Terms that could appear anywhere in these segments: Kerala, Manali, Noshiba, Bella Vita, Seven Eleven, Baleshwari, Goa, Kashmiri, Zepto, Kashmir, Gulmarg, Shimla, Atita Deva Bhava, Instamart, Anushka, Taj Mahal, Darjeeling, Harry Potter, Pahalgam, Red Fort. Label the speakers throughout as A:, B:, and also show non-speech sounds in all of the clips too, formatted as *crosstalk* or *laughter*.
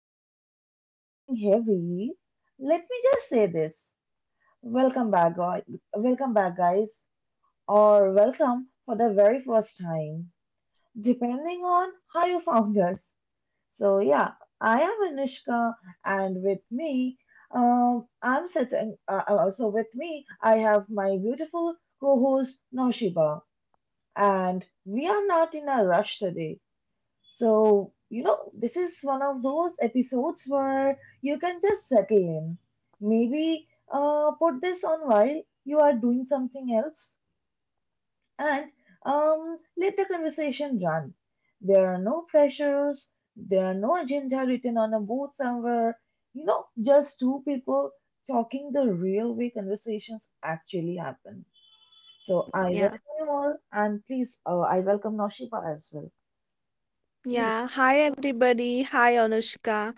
A: dive into anything heavy, let me just say this. Welcome back, guys. Welcome back, guys, or welcome for the very first time, depending on how you found us. So yeah, I am Anushka, and with me, I'm sitting. So with me, I have my beautiful co-host Noshiba, and we are not in a rush today, so, this is one of those episodes where you can just settle in. Maybe put this on while you are doing something else, and let the conversation run. There are no pressures, there are no agenda written on a board somewhere. You know, just two people talking the real way conversations actually happen. So I
B: Yeah.
A: welcome you all, and please, I welcome Noshiba as well. Yes.
B: Yeah. Hi, everybody. Hi, Anushka.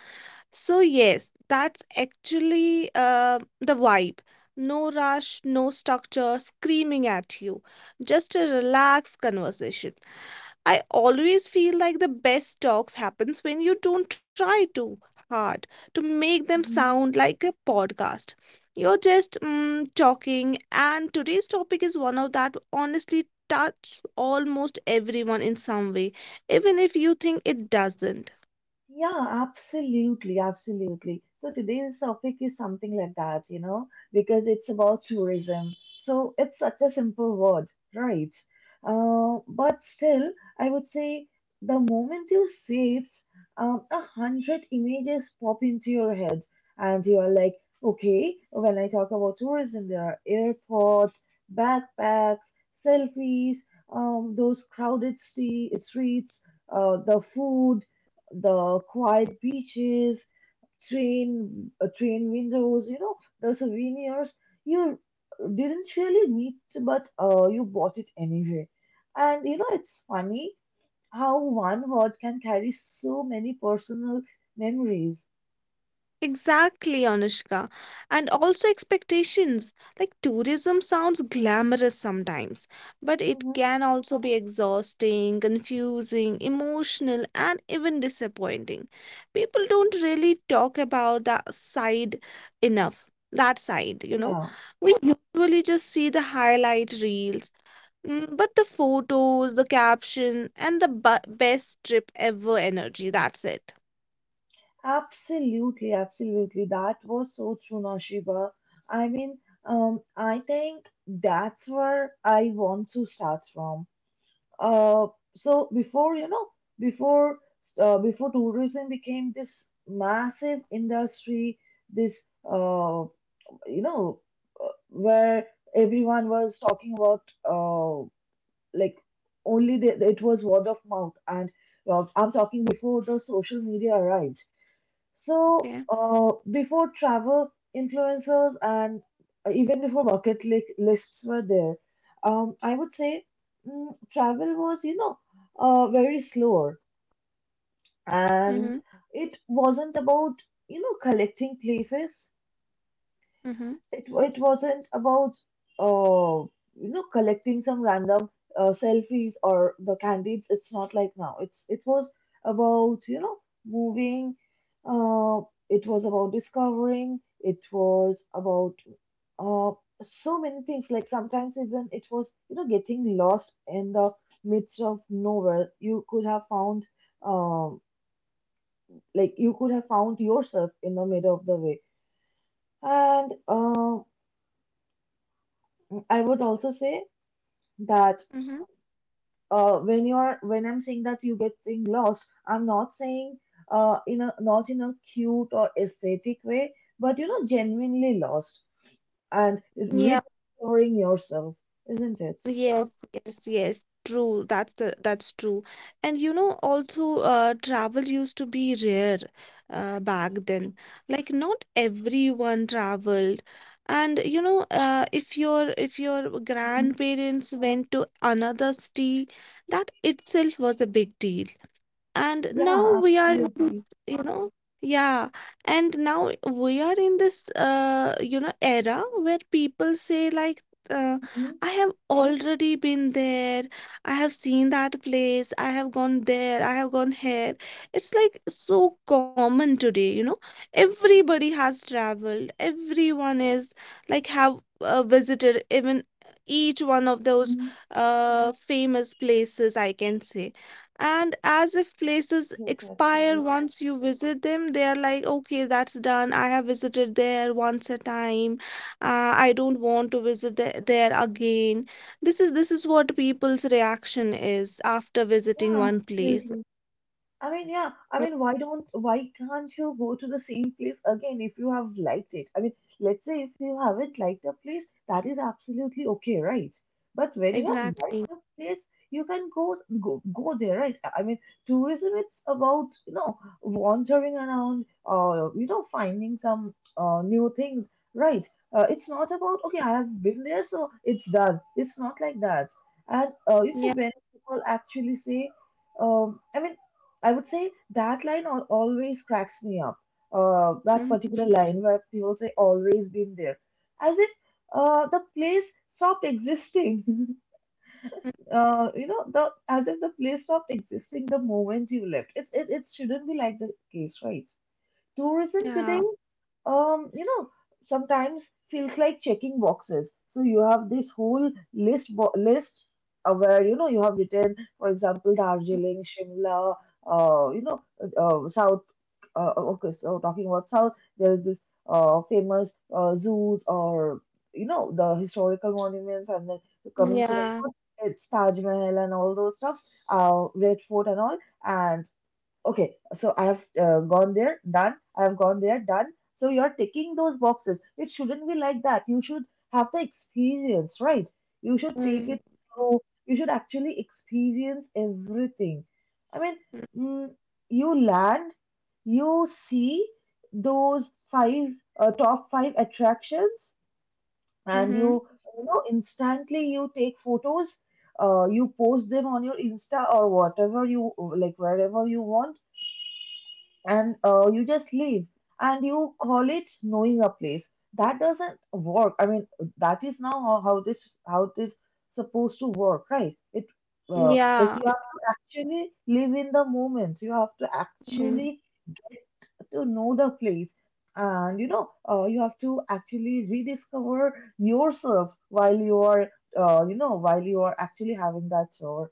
B: So, yes, that's actually the vibe. No rush, no structure screaming at you, just a relaxed conversation. I always feel like the best talks happens when you don't try too hard to make them sound like a podcast. You're just talking, and today's topic is one of that honestly touches almost everyone in some way, even if you think it doesn't.
A: Yeah, absolutely, absolutely. So today's topic is something like that, because it's about tourism. So it's such a simple word, right? But still, I would say, the moment you see it, 100 images pop into your head, and you are like, okay, when I talk about tourism, there are airports, backpacks, selfies, those crowded streets, the food, the quiet beaches, train windows, the souvenirs. You didn't really need to, but you bought it anyway. And it's funny how one word can carry so many personal memories.
B: Exactly, Anushka. And also expectations. Like tourism sounds glamorous sometimes, but it
A: Mhm.
B: can also be exhausting, confusing, emotional, and even disappointing. People don't really talk about that side enough. That side, you know.
A: Yeah,
B: We usually just see the highlight reels, but the photos, the caption, and the best trip ever energy. That's it.
A: absolutely, absolutely. That was so true, Nashiba. I mean, I think that's where I want to start from. Uh, so before you know, before Before tourism became this massive industry, this, uh, you know where everyone was talking about, uh, like it was word of mouth, and I'm talking before the social media arrived. So,
B: Okay.
A: before travel influencers, and even before bucket lists were there, I would say, travel was, very slower, and
B: Mm-hmm.
A: it wasn't about, collecting places.
B: Mm-hmm.
A: It wasn't about, uh collecting some random selfies or the candies. It's not like now. It was about, moving. Uh, it was about discovering. It was about uh so many things. Like sometimes even it was, getting lost in the midst of nowhere. Um you could have found yourself in the middle of the way. And I would also say that,
B: Mm-hmm.
A: when I'm saying that you getting lost, I'm not saying, in a, not in a cute or aesthetic way, but you know, genuinely lost and
B: Yeah,
A: rediscovering yourself, isn't it?
B: yes, yes, yes. True. That's that's true. And you know, also, travel used to be rare, back then. Like not everyone traveled. And you know, if your
A: Mhm.
B: grandparents went to another city, that itself was a big deal, and now
A: Yeah,
B: we are in
A: absolutely.
B: this, you know. Yeah. And now we are in this you know era where people say like, uh,
A: Mhm.
B: I have already been there. I have seen that place. I have gone there. I have gone here. It's like so common today, you know. Everybody has traveled. Everyone is like have visited even each one of those
A: Mhm.
B: famous places, I can say. And as if places
A: Yes,
B: expire
A: absolutely.
B: once you visit them, they are like, okay, that's done. I have visited there once a time. I don't want to visit there again. This is what people's reaction is after visiting
A: Yeah,
B: one place.
A: absolutely. I mean, yeah. I
B: Mm.
A: mean, why can't you go to the same place again if you have liked it? I mean, let's say if you haven't liked a place, that is absolutely okay, right? But when you have liked
B: Exactly.
A: a place, you can go, go, go there, right? I mean, tourism, it's about, wandering around, finding some new things, right? It's not about, okay, I have been there, so it's done. It's not like that. And
B: Yeah.
A: when people actually say, I mean, I would say that line always cracks me up. That
B: Mhm.
A: particular line where people say, always been there, as if the place stopped existing. *laughs* You know, the as if the place stopped existing the moment you left. It shouldn't be like the case, right? Tourism today,
B: Yeah.
A: um, you know, sometimes feels like checking boxes. So you have this whole list, where, you have written, for example, Darjeeling, Shimla, uh, you know, South. Okay, so talking about South, there is this famous zoos, or, the historical monuments, and then coming to the
B: Yeah.
A: north, it's Taj Mahal and all those stuffs, Red Fort and all, and okay, so I have gone there, done. I have gone there, done. So you're ticking those boxes. It shouldn't be like that. You should have the experience, right? You should take
B: Mm-hmm.
A: it through. You should actually experience everything. I mean, mm, you land, you see those five top five attractions, and
B: Mm-hmm.
A: you, instantly you take photos. You post them on your Insta or whatever you like, wherever you want, and you just leave and you call it knowing a place. That doesn't work. I mean, that is now how, how this supposed to work, right? It uh, like
B: Yeah.
A: you have to actually live in the moment. You have to
B: Mhm.
A: actually to know the place. And you have to actually rediscover yourself while you are, while you are actually having that shower,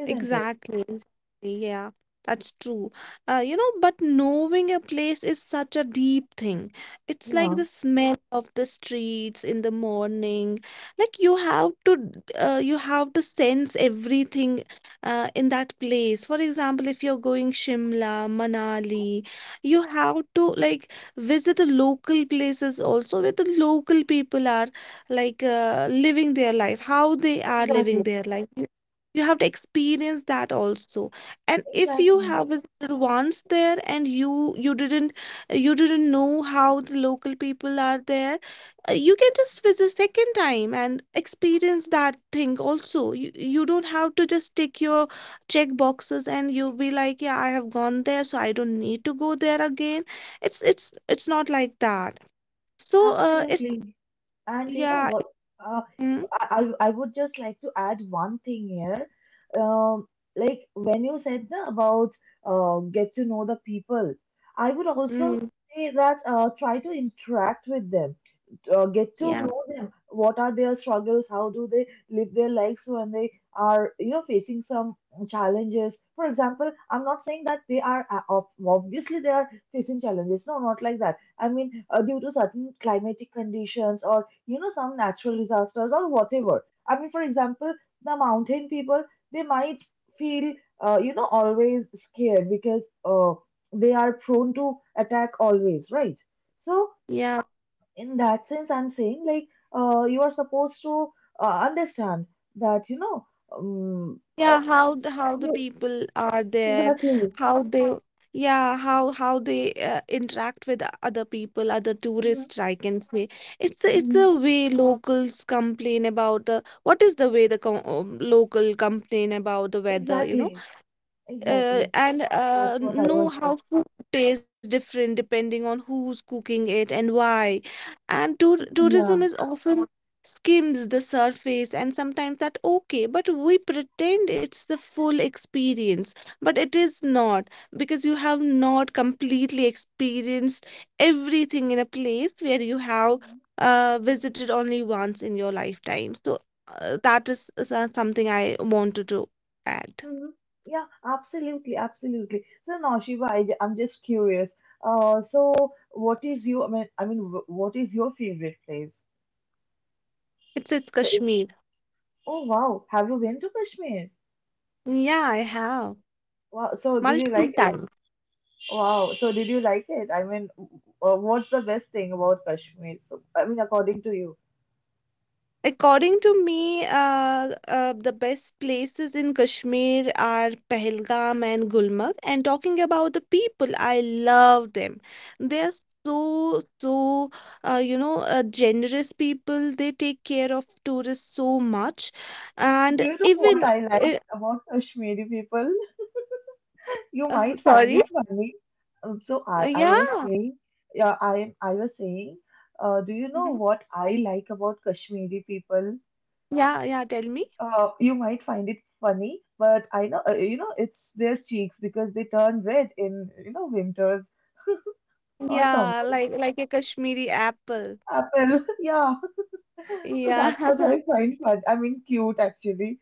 A: isn't it?
B: Exactly, exactly. Yeah, that's true. You know, but knowing a place is such a deep thing. It's like
A: Yeah,
B: the smell of the streets in the morning. Like you have to sense everything, in that place. For example, if you're going Shimla, Manali, you have to like visit the local places also where the local people are like living their life, how they are
A: exactly,
B: living their life. You have to experience that also, and if you
A: exactly,
B: have visited once there and you didn't, you didn't know how the local people are there, you can just visit second time and experience that thing also. You don't have to just tick your check boxes and you be like, yeah, I have gone there, so I don't need to go there again. It's not like that. So it's,
A: absolutely. And you know
B: yeah,
A: what? Uh,
B: mm,
A: I would just like to add one thing here. Um, like when you said na, about, get to know the people, I would also
B: mm,
A: say that, try to interact with them, get to
B: yeah.
A: know them, what are their struggles, how do they live their lives, when they are, facing some challenges. For example, I'm not saying that they are, obviously they are facing challenges, no, not like that, I mean, due to certain climatic conditions or, some natural disasters or whatever. I mean, for example, the mountain people, they might feel, always scared because, they are prone to attack always, right? So
C: Yeah,
A: in that sense, I'm saying, like, you are supposed to, understand that, you know, um, uh,
C: yeah, how the
A: you,
C: people are there,
A: exactly.
C: how they yeah, how they interact with other people, other
A: Mhm,
C: tourists, I can say. It's
A: mhm.
C: the way locals complain about the what is the way the com local complain about the weather, you know?
A: Exactly,
C: uh,
A: exactly,
C: and uh,
A: that's what I
C: know
A: was saying,
C: how food tastes different depending on who's cooking it and why. And tourism
A: yeah.
C: is often skims the surface, and sometimes that okay, but we pretend it's the full experience, but it is not because you have not completely experienced everything in a place where you have
A: Mhm,
C: visited only once in your lifetime. So that is something I wanted to add.
A: mhm. Yeah, absolutely, absolutely. So now Shiva, I'm just curious, uh, so what is you, what is your favorite place?
C: It's
A: so if-
C: Kashmir.
A: oh, wow, have you been to Kashmir?
C: Yeah, I have
A: Wow, so did you
C: multiple
A: like—
C: times.
A: Wow. So did you like it? I mean, what's the best thing about Kashmir? So, I mean, according to you,
C: According to me, the best places in Kashmir are Pahalgam and Gulmarg. And talking about the people, I love them. They are so, so, generous people. They take care of tourists so much.
A: do
C: And
A: you know what
C: even,
A: I like
C: uh,
A: about Kashmiri people? *laughs* You might find
C: sorry,
A: it funny. Um, so
C: Uh,
A: I, I was
C: yeah,
A: saying, yeah, I was saying, do you know
C: Mhm.
A: what I like about Kashmiri people?
C: Yeah, yeah, tell me.
A: You might find it funny, but I know, it's their cheeks because they turn red in, winters or summer.
C: Yeah, like a Kashmiri apple.
A: Apple, *laughs* yeah. So that's what
C: Yeah.
A: I
C: *laughs*
A: find fun. I mean, cute, actually.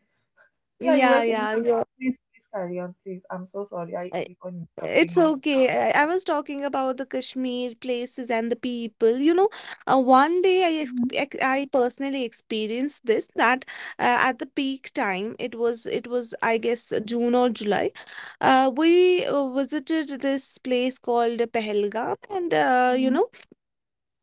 A: Yeah, you were
C: Yeah,
A: saying
C: yeah,
A: something. Please, please carry on, please. I'm so sorry, I
C: I-
A: keep on
C: it's
A: interrupting you.
C: okay. I was talking about the Kashmir places and the people. You know, one day I personally experienced this that at the peak time it was I guess June or July. We visited this place called Pahalgam, and
A: Mm-hmm.
C: you
A: Hmm.
C: know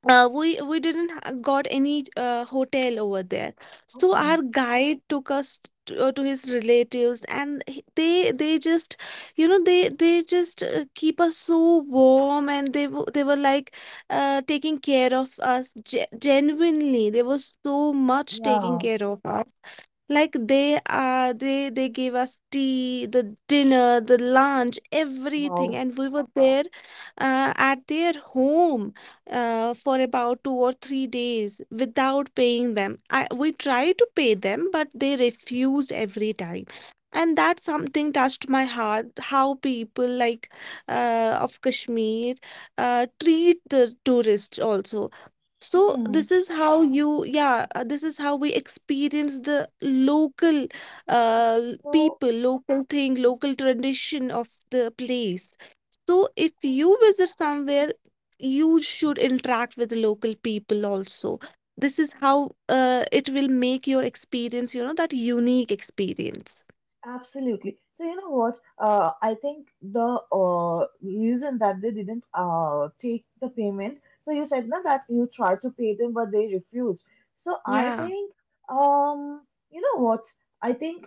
C: we didn't ha- got any hotel over there, so
A: Okay.
C: our guide took us to his relatives, and they just you know they just keep us so warm, and they were like taking care of us genuinely. They were so much taking
A: Yeah.
C: care of us like they gave us tea, the dinner, the lunch, everything,
A: Wow.
C: and we were there at their home for about 2 or 3 days without paying them. I we tried to pay them, but they refused every time. And that something touched my heart, how people like of Kashmir treat the tourists also. So
A: Hmm.
C: this is how you, yeah, this is how we experience the local
A: So
C: people, local thing, local tradition of the place. So if you visit somewhere, you should interact with the local people also. This is how it will make your experience, you know, that unique experience.
A: absolutely. So you know what? I think the reason that they didn't take the payment. So you said now that you tried to pay them, but they refused. So I
C: Yeah.
A: think, um, you know what? I think,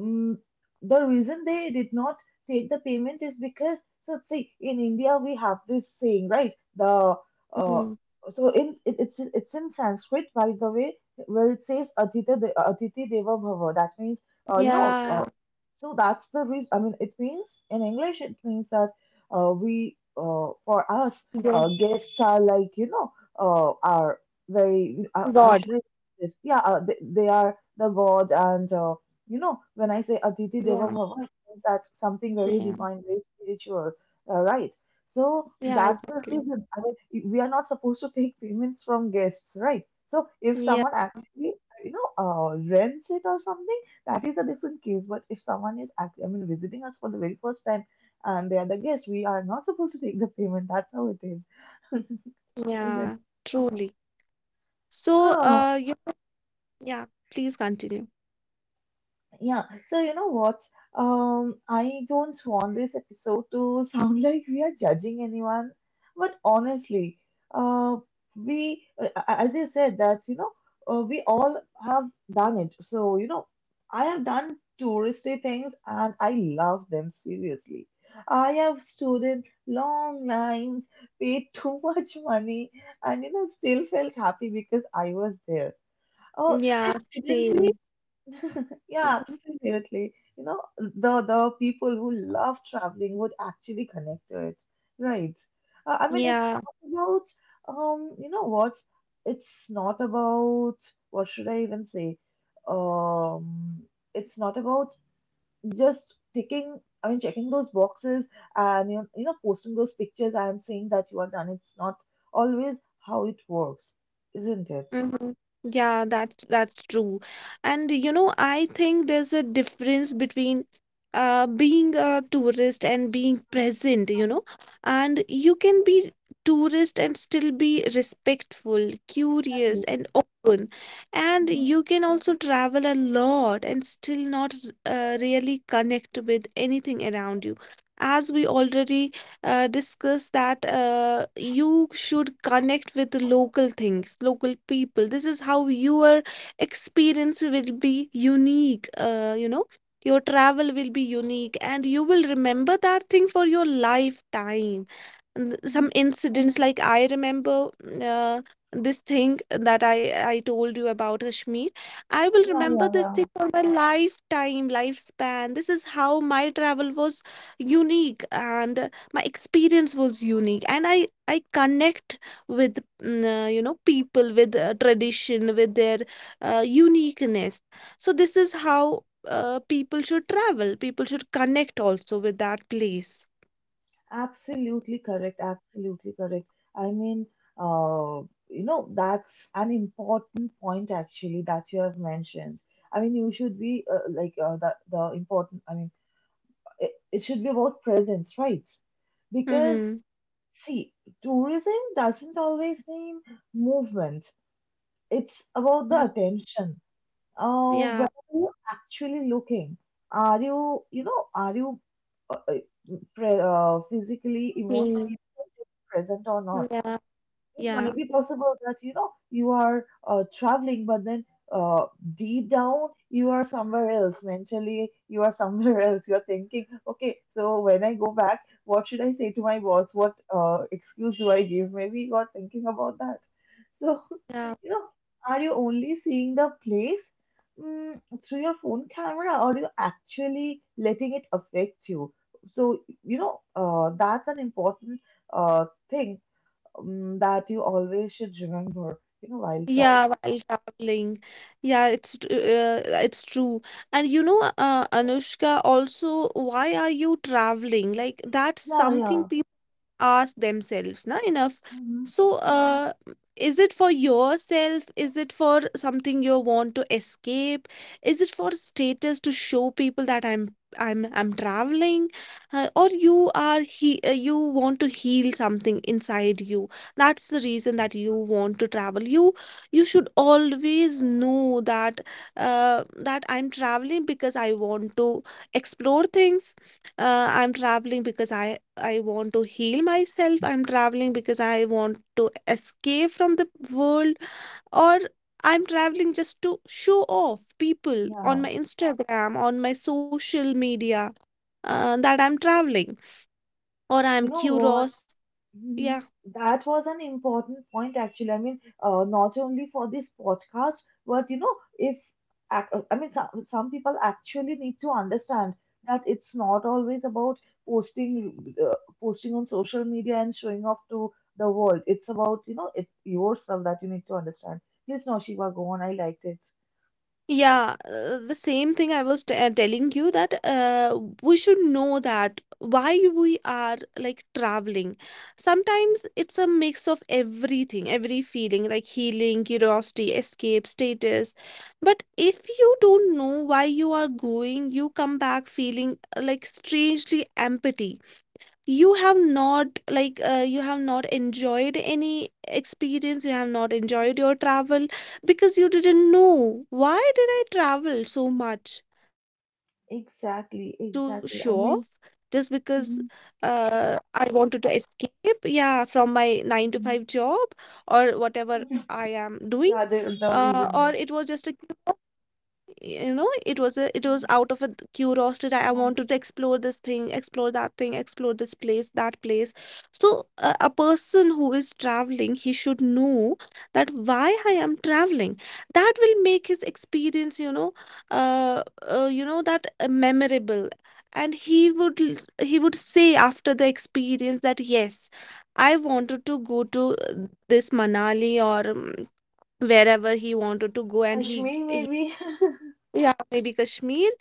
A: Mm, the reason they did not take the payment is because, so see, in India we have this saying, right? the uh,
C: Mm.
A: so in it, it's in Sanskrit, by the way, where it says Atita De- Aditi Deva Bhava, that means, uh, you know uh,
C: Yeah.
A: so that's the reason. I mean, it means in English, it means that, we for us,
C: Yeah.
A: guests are, are very, how
C: God.
A: should I say this, yeah, they are the gods, and you know, when I say Aditi Deva
C: Yeah.
A: Bhava, it means that's something very
C: Yeah.
A: divine, very spiritual, right? So
C: Yeah,
A: that's the
C: exactly.
A: reason. I mean, we are not supposed to take payments from guests, right? So if
C: Yeah.
A: someone actually, rents it or something, that is a different case. But if someone is, I mean, visiting us for the very first time and they are the guest, we are not supposed to take the payment. That's how it is, *laughs* isn't?
C: Yeah. Truly. So, yeah, please continue.
A: Yeah, so you know what? I don't want this episode to *laughs* sound like we are judging anyone, but honestly, uh, as you said, that, we all have done it. So, I have done touristy things and I love them, seriously. I have stood in long lines, paid *laughs* too much money, and, still felt happy because I was there. Oh, it
C: Yeah,
A: shouldn't be,
C: same.
A: yeah,
C: Mhm.
A: absolutely. You know, the people who love traveling would actually connect to it, right? I mean, it's
C: Yeah.
A: not about, you know what? It's not about, what should I even say? Um, it's not about just ticking. I mean, checking those boxes and, posting those pictures and saying that you are done. It's not always how it works, isn't it?
C: Hmm. Yeah, that's true. And you know, I think there's a difference between being a tourist and being present, you know. And you can be tourist and still be respectful,
A: Exactly.
C: curious, and open. And
A: Mhm,
C: you can also travel a lot and still not really connect with anything around you, as we already discuss that you should connect with the local things, local people. This is how your experience will be unique, you know. Your travel will be unique and you will remember that thing for your lifetime.
A: mhm.
C: Some incidents like I remember this thing that I told you about Kashmir. I will
A: Yeah,
C: remember
A: yeah,
C: this
A: yeah.
C: thing for my lifetime, lifespan. This is how my travel was unique. And my experience was unique, and I connect with you know people with tradition with their uniqueness. So this is how people should travel, people should connect also with that place.
A: Absolutely correct. Absolutely correct. I mean, uh, that's an important point actually that you have mentioned. You should be like the important. I mean, It should be about presence, right? Because
C: Mm-hmm.
A: see, tourism doesn't always mean movement. It's about the attention. Where
C: Yeah.
A: are you actually looking? Are you, are you uh, physically,
C: Mm.
A: emotionally present or not?
C: Yeah.
A: It
C: Yeah.
A: might be possible that you are traveling, but then uh, deep down you are somewhere else. Mentally, you are somewhere *laughs* else. You are thinking, okay, so when I go back, what should I say to my boss? What excuse do I give? Maybe you are thinking about that. So
C: Yeah.
A: you know, are you only seeing the place through your phone camera or you actually letting it affect you? So, that's an important thing that you always should remember, while
C: Yeah
A: traveling.
C: while traveling, yeah it's true. And you know Anushka, also why are you traveling, like that's
A: Yeah,
C: something
A: yeah.
C: ask themselves na enough.
A: Hmm.
C: So is it for yourself, is it for something you want to escape, is it for status, to show people that I'm traveling, or you are he you want to heal something inside you, that's the reason that you want to travel. You should always know that, uh, that I'm traveling because I want to explore things, I'm traveling because I want to heal myself. I'm traveling because I want to escape from the world, or I'm traveling just to show off people on
A: Yeah.
C: my Instagram, on my social media, that I'm traveling, or I'm
A: You know what?
C: curious. Yeah.
A: Mhm. That was an important point, actually. Not only for this podcast, but if some people actually need to understand that it's not always about posting, posting on social media and showing off to the world. It's about it's yourself that you need to understand. Please, Noshiba, go on. I liked it.
C: Yeah, the same thing I was t telling you that we should know that why we are like traveling. Sometimes it's a mix of everything, every feeling like healing, curiosity, escape, status. But if you don't know why you are going, you come back feeling like strangely empty. You have not like you have not enjoyed any experience, you have not
A: Mhm.
C: enjoyed your travel, because you didn't know why did I travel so much, just because to show off,
A: Exactly,
C: just
A: exactly. I
C: because
A: mean, mhm,
C: I wanted to escape, yeah, from my 9 to 5 job
A: mhm.
C: or whatever I am doing,
A: *laughs* Yeah, the
C: or
A: the
C: it was
A: reason
C: just
A: is
C: a you know it was out
A: um,
C: of a curiosity that I Mm. wanted to explore this thing, explore that thing, explore this place, that place. So a person who is traveling he should know that why I am traveling. That will make his experience, you know, uh, you know that memorable. And he would say after the experience that yes, I wanted to go to this manali or wherever he wanted to go, and he
A: Kashmir maybe.
C: yeah, maybe Kashmir.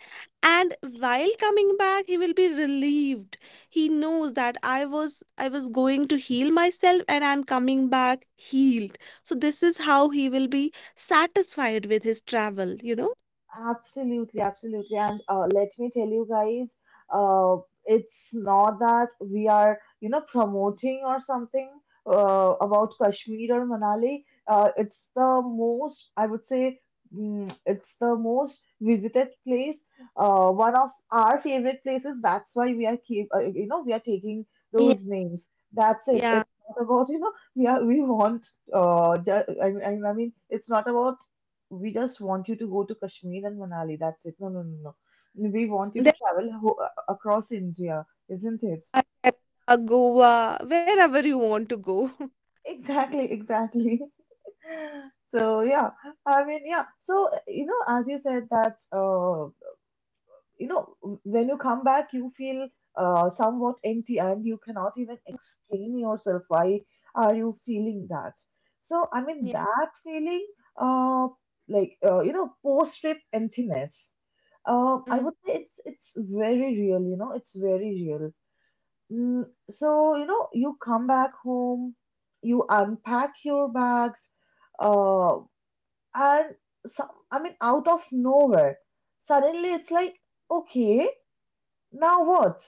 C: And while coming back, he will be relieved. He knows that I was going to heal myself, and I'm coming back healed. So this is how he will be satisfied with his travel, you know?
A: Absolutely, absolutely. And let me tell you guys, uh, it's not that we are, promoting or something about Kashmir or Manali. It's the most, I would say, it's the most visited place, one of our favorite places. That's why we are keep, we are taking
C: Yeah.
A: those names. That's it.
C: Yeah.
A: It's not about, we are, we want, I mean, it's not about we just want you to go to Kashmir and Manali. That's it. No, no, no, no. We want you to
C: Then
A: travel across India, isn't it?
C: Kerala, Goa, wherever you want to go. *laughs*
A: Exactly, exactly. *laughs* So yeah, I mean yeah. So as you said that you know, when you come back, you feel somewhat empty and you cannot even explain yourself why are you feeling that. So, I mean,
C: Yeah.
A: that feeling, uh, like, post-trip emptiness, I would say it's very real, it's very real. So, you come back home, you unpack your bags, uh, and I mean, out of nowhere, suddenly it's like, okay, now what?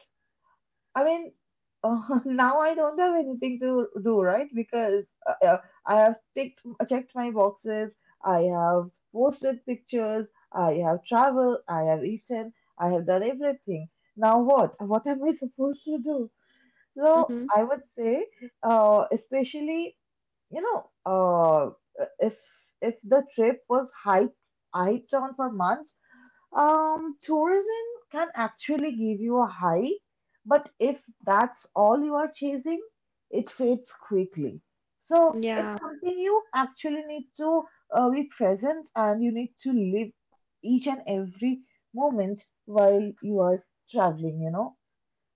A: I mean, *laughs* now I don't have anything to do, right? Because I have ticked, checked my boxes, I have posted pictures, I have traveled, I have eaten, I have done everything. Now what? What am I *laughs* supposed to do? So
C: Mm-hmm.
A: I would say, especially if the trip was hyped on for months, tourism can actually give you a high, but if that's all you are chasing, it fades quickly. So it's
C: Yeah.
A: something you actually need to be present and you need to live each and every moment while you are traveling,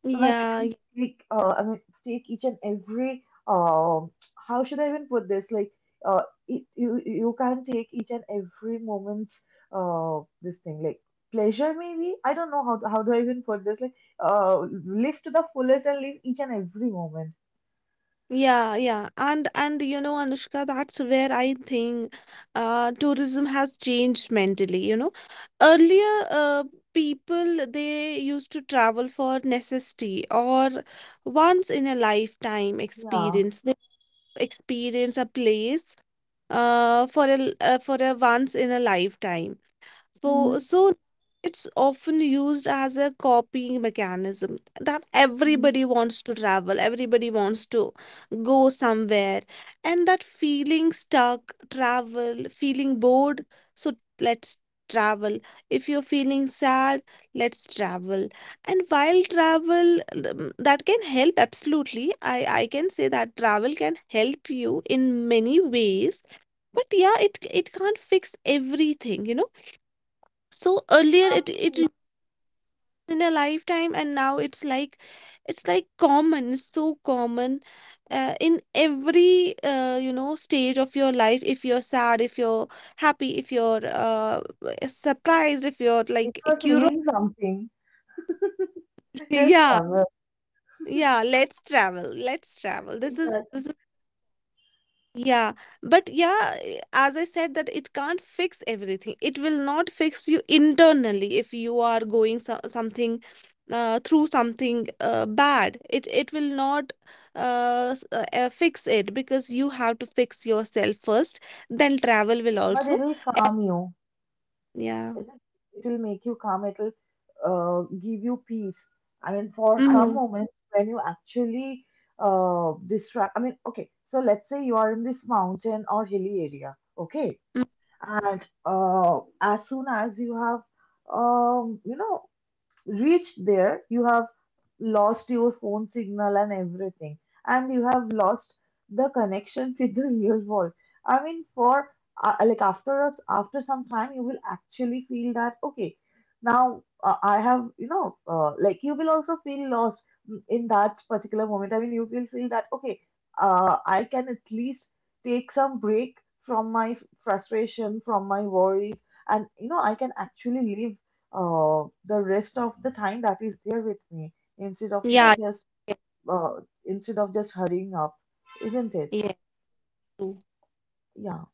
A: so that you can
C: Yeah.
A: take I mean take each and every how should I even put this like you can take each and every moment's this thing like pleasure maybe. I don't know how to, how do I even put this like live to the fullest and live each and every moment.
C: Yeah, yeah. And you know, Anushka, that's where I think tourism has changed mentally, you know. Earlier, people they used to travel for necessity or once in a lifetime
A: Yeah,
C: experience. They experience a place for for a once in a lifetime. So,
A: mm-hmm.
C: so it's often used as a copying mechanism that
A: Mm-hmm.
C: everybody wants to travel, everybody wants to go somewhere, and that feeling stuck, travel, feeling bored, so let's travel. If you're feeling sad, let's travel. And while travel that can help absolutely, I can say that travel can help you in many ways, but yeah, it can't fix everything, you know. So earlier it was in a lifetime, and now it's like common, it's so common in every you know stage of your life. If you're sad, if you're happy, if you're surprised, if you're
A: If
C: like
A: you're
C: curious,
A: feeling something
C: *laughs*
A: just
C: yeah,
A: travel
C: yeah. Let's travel. Let's travel. This is this
A: exactly
C: Yeah, but yeah, as I said, that it can't fix everything. It will not fix you internally if you are going so something through something bad. It will not fix it, because you have to fix yourself first. Then travel will
A: but
C: also.
A: it'll calm you.
C: Yeah.
A: Is it? It will make you calm. It will give you peace. I mean for some
C: Mm-hmm.
A: moments when you actually distract. I mean, okay, so let's say you are in this mountain or hilly area, okay,
C: Mm-hmm.
A: and as soon as you have um, you know reached there, you have lost your phone signal and everything, and you have lost the connection *laughs* with the real world. I mean, for like after us, after some time, you will actually feel that okay, now I have like you will also feel lost in that particular moment. I mean, you will feel that okay, I can at least take some break from my frustration, from my worries, and I can actually live the rest of the time that is there with me instead of
C: Yeah.
A: just instead of just hurrying up, isn't it?
C: Yeah. True.
A: Yeah,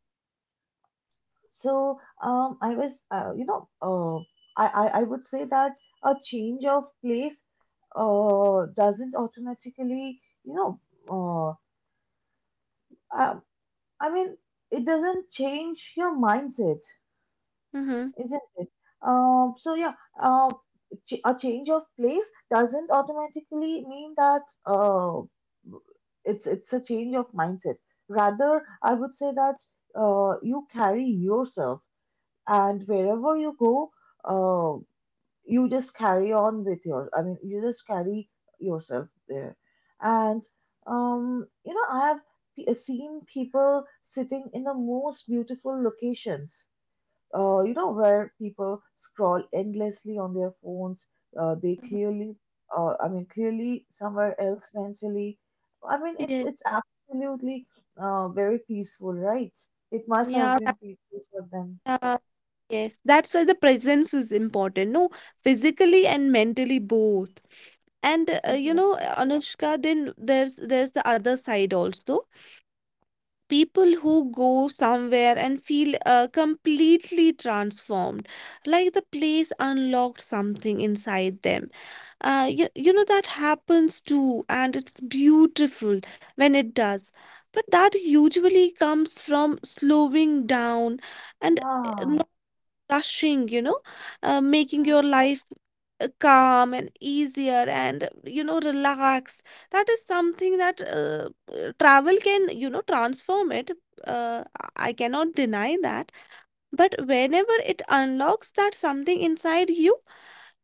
A: so I was I would say that a change of place doesn't automatically you know uh, I, I mean it doesn't change your mindset,
C: Mm-hmm.
A: isn't it? So yeah, uh, a change of place doesn't automatically mean that it's a change of mindset. Rather, I would say that you carry yourself, and wherever you go, uh, you just carry on with your. I mean, you just carry yourself there, and I have seen people sitting in the most beautiful locations where people scroll endlessly on their phones. Uh, they
C: Mm-hmm.
A: clearly, I mean, clearly somewhere else mentally. I mean, it's
C: Yeah.
A: it's absolutely very peaceful, right? It must have
C: Yeah,
A: been
C: that,
A: peaceful for them.
C: yeah, yes. That's why the presence is important, no? Physically and mentally both. And you
A: Exactly.
C: know, Anushka, then there's the other side also. People who go somewhere and feel completely transformed, like the place unlocked something inside them. You know that happens too, and it's beautiful when it does. But that usually comes from slowing down and
A: Yeah,
C: uh, rushing, you know, making your
A: exactly.
C: life calm and easier and, you know, relax. That is something that travel can, you know, transform it. Uh, I cannot deny that. But whenever it unlocks that something inside you,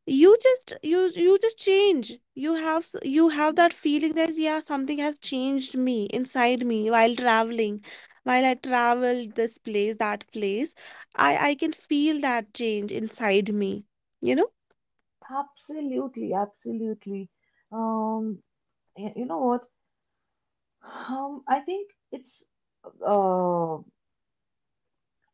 C: you just change. You have you have
A: Mhm.
C: that feeling that yeah something has changed me inside me while traveling, while I traveled this place, that place, I can feel that change inside me, you know.
A: Absolutely, absolutely. Um, you know what? I think it's uh,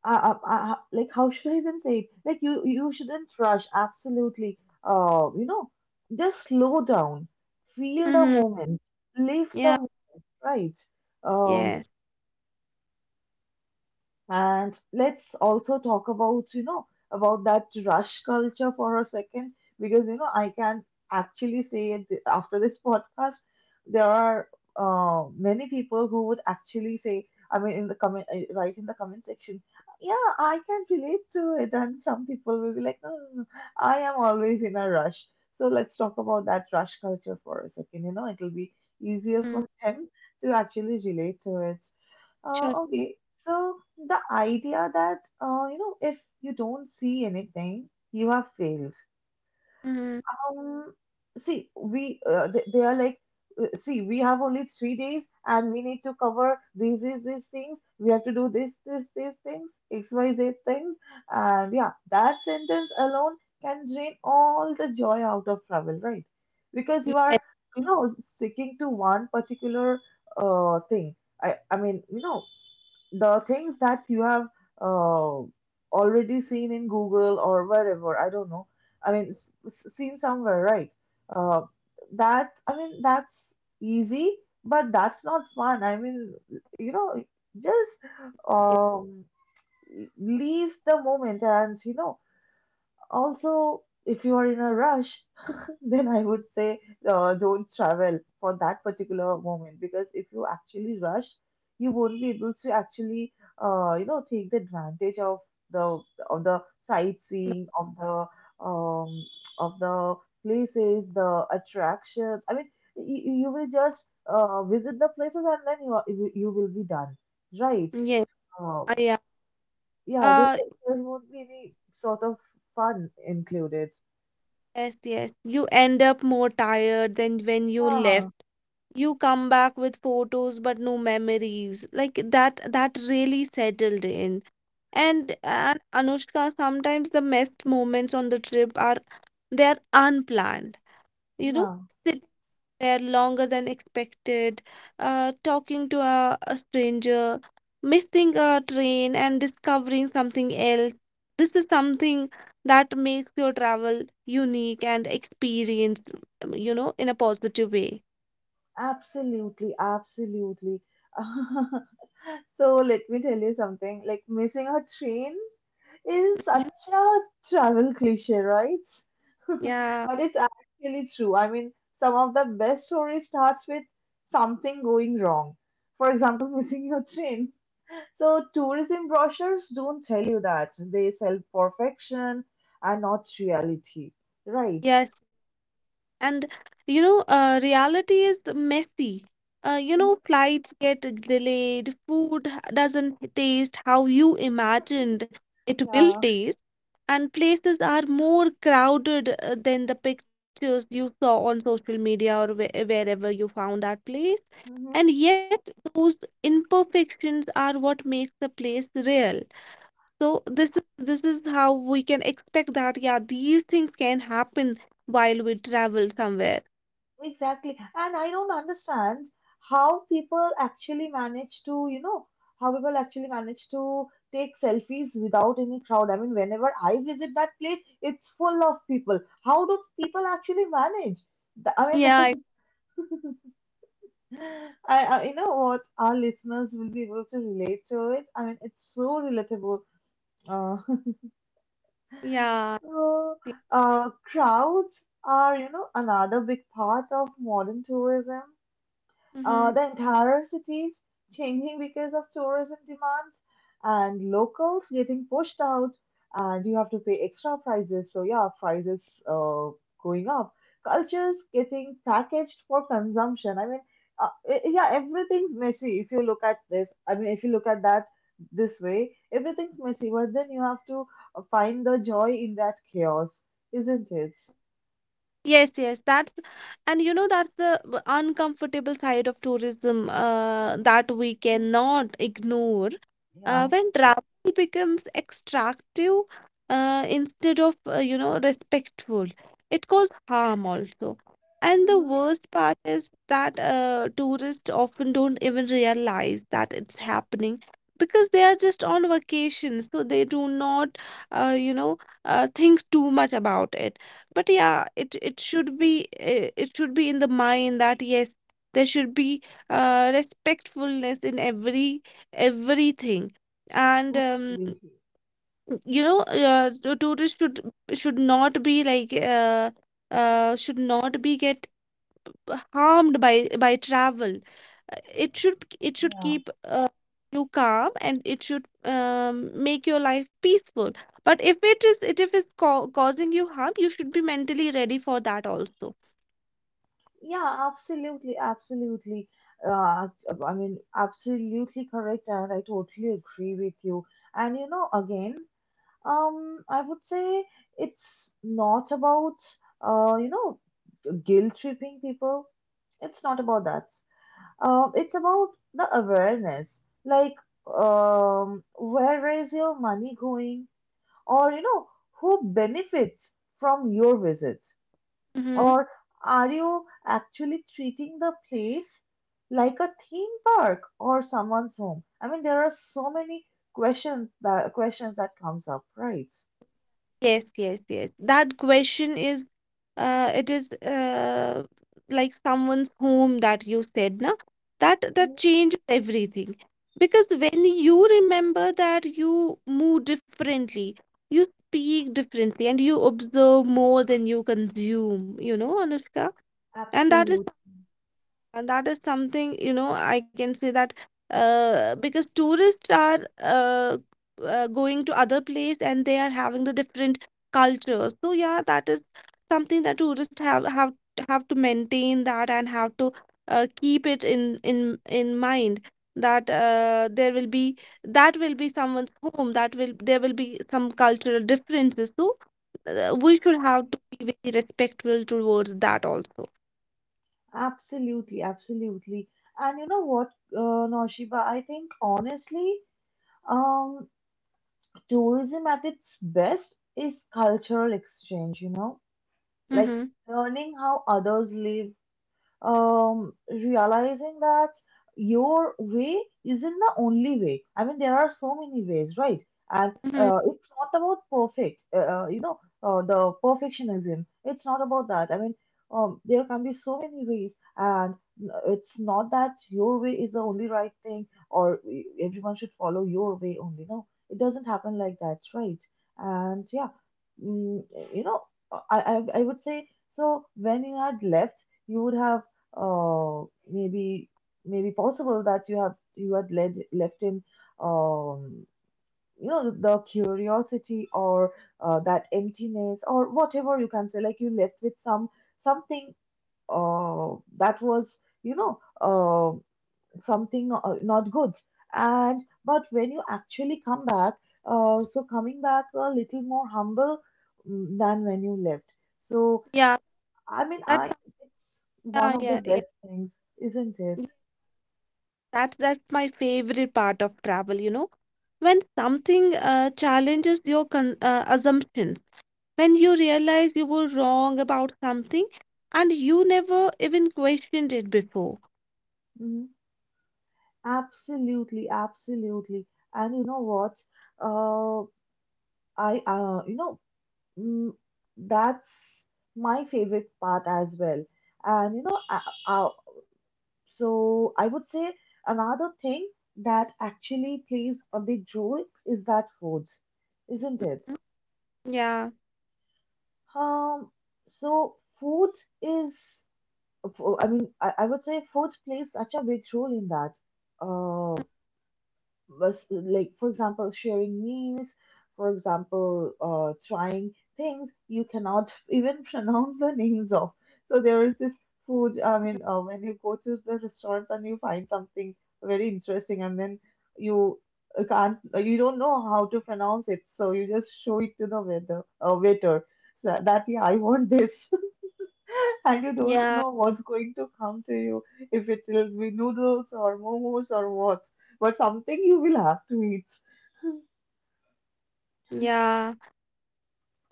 A: like how should I even say it? Like you shouldn't rush. Absolutely. Uh, you know, just slow down, feel the
C: Mm-hmm.
A: moment, live the
C: Yeah.
A: moment, right? Um,
C: Yes.
A: and let's also talk about, about that rush culture for a second, because, I can actually say it after this *laughs* podcast, there are many people who would actually say, I mean, in the comment, right in the comment section, yeah, I can relate to it. And some people will be like, no, no, no, no, I am always in a rush. So let's talk about that rush culture for a second. You know, it'll be easier *laughs*
C: Mm.
A: for them to actually relate to it.
C: Sure.
A: Okay, so the idea that if you don't see anything, you have failed.
C: Mm-hmm.
A: Um, See, we they are like, see, we have only 3 days and we need to cover these things. We have to do this this these things X Y Z things, and yeah, that sentence alone can drain all the joy out of travel, right? Because you are
C: Yes,
A: sticking to one particular thing. I mean the things that you have uh, already seen in Google or wherever, I don't know. I mean, seen somewhere, right? Uh, that's, I mean, that's easy, but that's not fun. I mean, you know, just um, leave the moment and, also, if you are in a rush, then I would say don't travel for that particular moment because if you actually rush, you won't be able to actually take the advantage the of the sightseeing um, of the places, the attractions. I mean, you will just visit the places and then you you will be done, right?
C: yes,
A: Uh,
C: yeah.
A: yeah,
C: Uh,
A: there won't be any sort of fun included.
C: yes, yes. You end up more tired than when you
A: Yeah,
C: left. You come back with photos but no memories. Like that, that really settled in. And Anushka, sometimes the best moments on the trip are they're unplanned. You know,
A: yeah.
C: there longer than expected, talking to a stranger, missing a train, and discovering something else. This is something that makes your travel unique and experienced, you know, in a positive way.
A: Absolutely, absolutely. *laughs* So let me tell you something. Like missing a train is such
C: Mhm.
A: a travel cliche, right? *laughs*
C: Yeah.
A: But it's actually true. I mean, some of the best stories start with something going wrong. For example, *laughs* missing your train. So tourism brochures don't tell you that. They sell perfection and not reality, right?
C: Yes. And you know, reality is the messy. You
A: Mhm.
C: know, flights get delayed, food doesn't taste how you imagined it will
A: Yeah.
C: taste, and places are more crowded than the pictures you saw on social media or wherever you found that place.
A: Mm-hmm.
C: And yet, those imperfections are what makes the place real. So this is how we can expect that, yeah, these things can happen while we travel somewhere.
A: Exactly. And I don't understand how people actually manage to, how people actually manage to take selfies without any crowd. I mean, whenever I visit that place, it's full of people. How do people actually manage? I
C: Yeah, I
A: mean, *laughs* I you know what, our listeners will be able to relate to it. I mean, it's so relatable. Uh, *laughs*
C: yeah.
A: so,
C: See.
A: crowds are, another big part of modern tourism.
C: Mhm.
A: The entire cities changing because of tourism demands and locals getting pushed out and you have to pay extra prices, so yeah, prices going up, cultures getting packaged for consumption. I mean, yeah, everything's messy if you look at this. I mean, if you look at that this way, everything's messy, but then you have to find the joy in that chaos, isn't it?
C: Yes, yes, that's and you know that's the uncomfortable side of tourism that we cannot ignore. Uh,
A: Yeah.
C: when travel becomes extractive, instead of respectful, it causes harm also. And the
A: Hmm.
C: worst part is that tourists often don't even realize that it's happening because they are just on vacation, so they do not uh, you know think too much about it. But yeah, it should be in the mind that yes, there should be respectfulness in everything. and um,
A: Absolutely.
C: you know uh, the tourists should not be like uh, should not be get harmed by travel. It should
A: Yeah.
C: keep you calm, and it should make your life peaceful. But if it's causing you harm, you should be mentally ready for that also.
A: Yeah, absolutely, absolutely. Uh, I mean, absolutely correct, and I totally agree with you. And again, I would say it's not about uh, you know, guilt tripping people. It's not about that. It's about the awareness. Like, where is your money going? Or who benefits from your visit?
C: Hmm.
A: Or are you actually treating the place like a theme park or someone's home? I mean, there are so many questions that comes up, right?
C: Yes, yes, yes, that question is, it is, like someone's home that you said na, that
A: Mhm.
C: that changes everything. Because when you remember that, you move differently, you speak differently, and you observe more than you consume, you know, Anushka. and that is
A: Absolutely,
C: and that is something, you know, I can say that, because tourists are, going to other place, and they are having the different cultures. So yeah, that is something that tourists have to maintain that and have to keep it in mind that there will be that will be someone's home, that will there will be some cultural differences. So we should have to be very respectful towards that also.
A: absolutely, absolutely. And you know what, Naushiba, I think honestly, um, tourism at its best is cultural exchange, you know, like
C: Mm-hmm.
A: learning how others live, realizing that your way isn't the only way. I mean, there are so many ways, right? And
C: Mm-hmm.
A: it's not about perfect, the perfectionism. It's not about that. I mean, there can be so many ways, and it's not that your way is the only right thing, or everyone should follow your way only. No, it doesn't happen like that, right? And yeah, mm, you know, I, I would say so. When you had left, you would have uh, maybe possible that you had left in, um, you know, the curiosity or that emptiness or whatever you can say, like you left with some something uh, that was, something, not good, and but when you actually come back, so coming back a little more humble, than when you left. So
C: Yeah,
A: I mean,
C: that's
A: I it's one
C: Yeah,
A: of the
C: yeah, yeah.
A: best things, isn't it?
C: Yeah. That's my favorite part of travel, you know. When something challenges your con assumptions, when you realize you were wrong about something and you never even questioned it before.
A: Mhm. Absolutely, absolutely. And you know what? Uh, I you know, mm, That's my favorite part as well. And you know, uh, so I would say another thing that actually plays a big role is that food, isn't it?
C: Yeah,
A: Um, so food is I mean, I would say food plays such a big role in that. Uh, was like, for example, sharing meals, for example, trying things you cannot *laughs* even pronounce the names of. So there is this food. I mean, when you go to the restaurants and you find something very interesting, and then you can't, you don't know how to pronounce it, so you just show it to the waiter, waiter. So that, yeah, I want this, and you don't
C: yeah,
A: know what's going to come to you, if it will be noodles or momos or what, but something you will have to eat. *laughs*
C: yeah.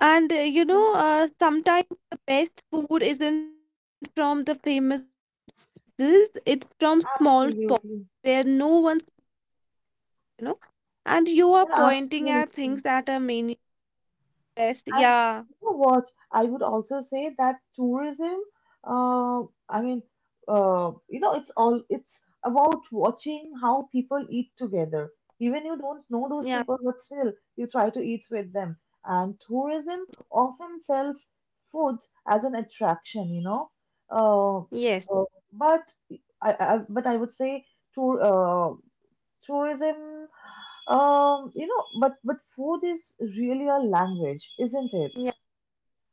C: And uh, you know,
A: Yeah.
C: uh, sometimes the best food isn't from the famous places, it's from small spots where
A: Absolutely.
C: no one's, you know, and you are
A: Yeah,
C: pointing at
A: absolutely.
C: things that are meaningless.
A: And
C: Yeah.
A: you know what? I would also say that tourism, uh, I mean, you know, it's all, it's about watching how people eat together. Even you don't know those people,
C: Yeah,
A: but still you try to eat with them. And tourism often sells food as an attraction, you know. Uh, uh,
C: yes.
A: but but I would say tour, uh, tourism, you know, but food is really a language, isn't it?
C: Yeah,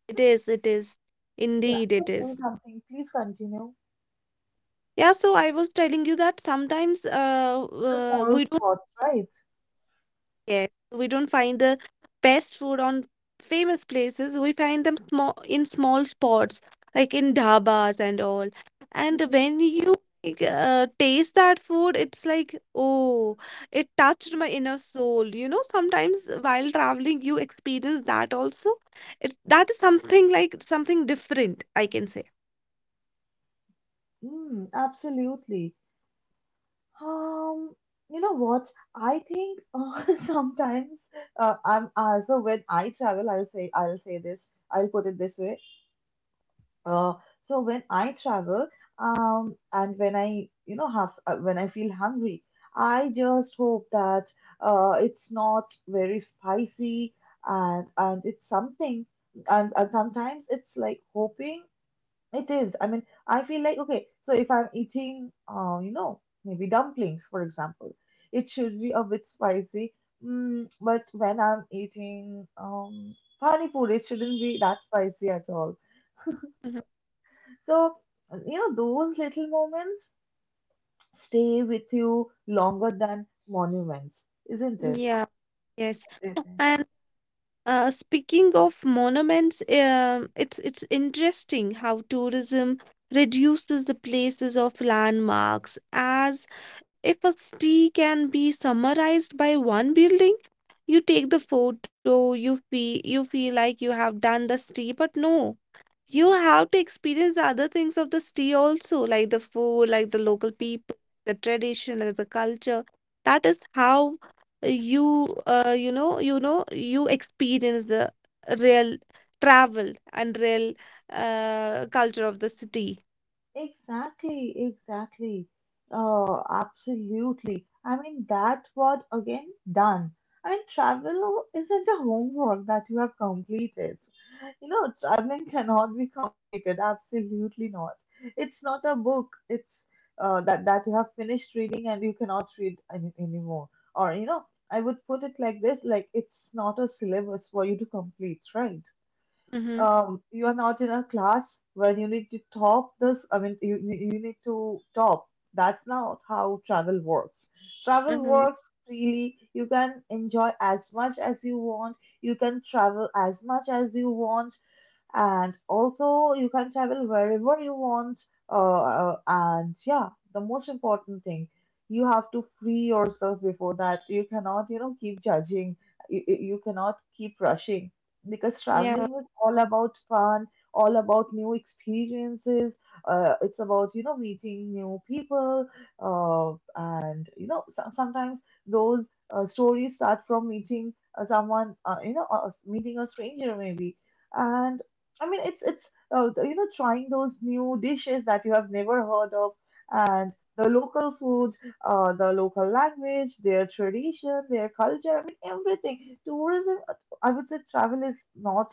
C: it is. It is.
A: Yeah,
C: Indeed,
A: you were
C: it
A: saying
C: is.
A: something. Please continue.
C: Yeah, so I was telling you that sometimes,
A: The small
C: we don't
A: spots, right?
C: Yes, we don't find the best food on famous places. We find them small in small spots, like in dhabas and all. And
A: Mhm.
C: when you taste that food, it's like, oh, it touched my inner soul. You know, sometimes while traveling, you experience that also. It's that is something like something different, I can say.
A: Mm, absolutely. Um, you know what? I think *laughs* sometimes I'm so when I travel, I'll say this. I'll put it this way. Uh, so when I travel, and when I, you know, have when I feel hungry, I just hope that it's not very spicy, and it's something. And sometimes it's like hoping it is. I mean, I feel like, okay, so if I'm eating, you know, maybe dumplings, for example, it should be a bit spicy. Mm, but when I'm eating, pani puri, it shouldn't be that spicy at all.
C: Mhm.
A: So, you know, those little moments stay with you longer than monuments, isn't
C: Yeah, yes.
A: it?
C: Oh, And speaking of monuments, it's interesting how tourism reduces the places of landmarks, as if a city can be summarized by one building. You take the photo, you feel like you have done the city, but no. You have to experience the other things of the city also, like the food, like the local people, the tradition, like the culture. That is how you experience the real travel and real culture of the city.
A: Exactly, exactly. Absolutely. I mean, that word again, done. I mean, travel isn't a homework that you have completed. You know, traveling cannot be completed. Absolutely not. It's not a book. It's that you have finished reading and you cannot read anymore. Or you know, I would put it like this: like it's not a syllabus for you to complete, right?
C: Mm-hmm.
A: You are not in a class where you need to top this. I mean, you need to top. That's not how travel works. Travel
C: Mm-hmm.
A: works freely. You can enjoy as much as you want. You can travel as much as you want, and also you can travel wherever you want. And yeah, the most important thing, you have to free yourself before that. You cannot, you know, keep judging. You cannot keep rushing, because
C: Yeah.
A: traveling is all about fun, all about new experiences. It's about, you know, meeting new people. uh, and you know, sometimes those stories start from meeting someone, meeting a stranger maybe. And I mean, it's you know, trying those new dishes that you have never heard of, and the local foods, the local language, their tradition, their culture. I mean, everything. I would say, travel is not,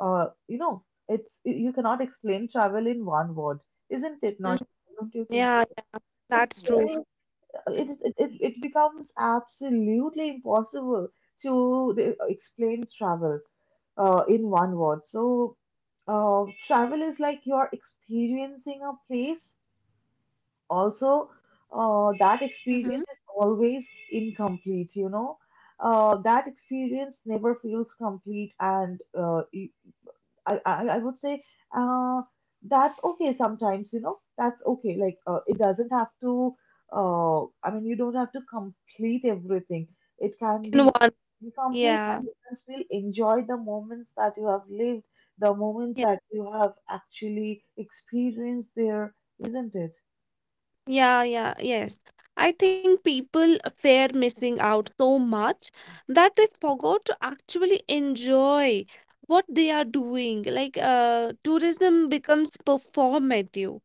A: you know, it's, you cannot explain travel in one word, isn't it,
C: Mm,
A: Naushad? What do you think?
C: yeah,
A: It's
C: that's true.
A: very, it is it, it, it becomes absolutely impossible to explain travel in one word. So, travel is like you're experiencing a place. Also,
C: Hmm.
A: that experience is always incomplete, you know. That experience never feels complete, and I would say, uh, that's okay sometimes, you know, that's okay. Like, it doesn't have to, I mean, you don't have to complete everything. It can
C: In
A: be
C: one.
A: incomplete,
C: Yeah,
A: and you can still enjoy the moments that you have lived, the moments that you have actually experienced there, isn't it?
C: yeah, yeah, yes. I think people fear missing out so much that they forgot to actually enjoy what they are doing. Like, tourism becomes performative,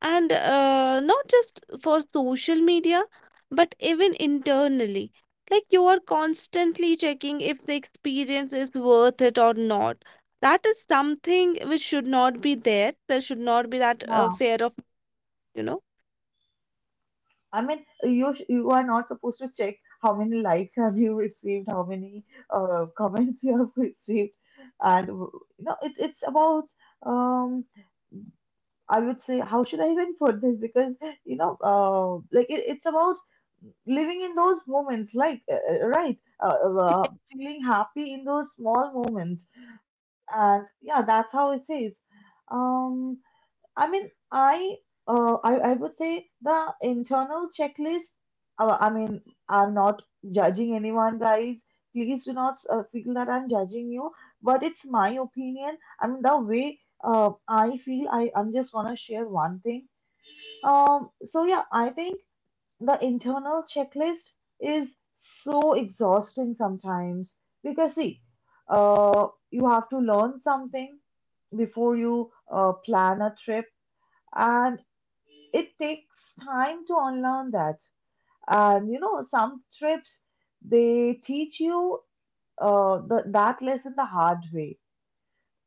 C: and not just for social media, but even internally. Like, you are constantly checking if the experience is worth it or not. That is something which should not be there. There should not be that
A: Yeah.
C: fear of, you know.
A: I mean, you are not supposed to check how many likes have you received, how many comments you have *laughs* received, and you know, it's about um I would say, how should I even put this, because you know, like, it's about living in those moments, like, uh, feeling happy in those small moments, and yeah, that's how it is. Um, I mean, I would say the internal checklist. I mean, I'm not judging anyone, guys. Please do not feel that I'm judging you, but it's my opinion. I mean, the way I feel, I'm just gonna share one thing. So yeah, I think the internal checklist is so exhausting sometimes, because see, you have to learn something before you plan a trip. And it takes time to unlearn that. And you know, some trips they teach you that lesson the hard way,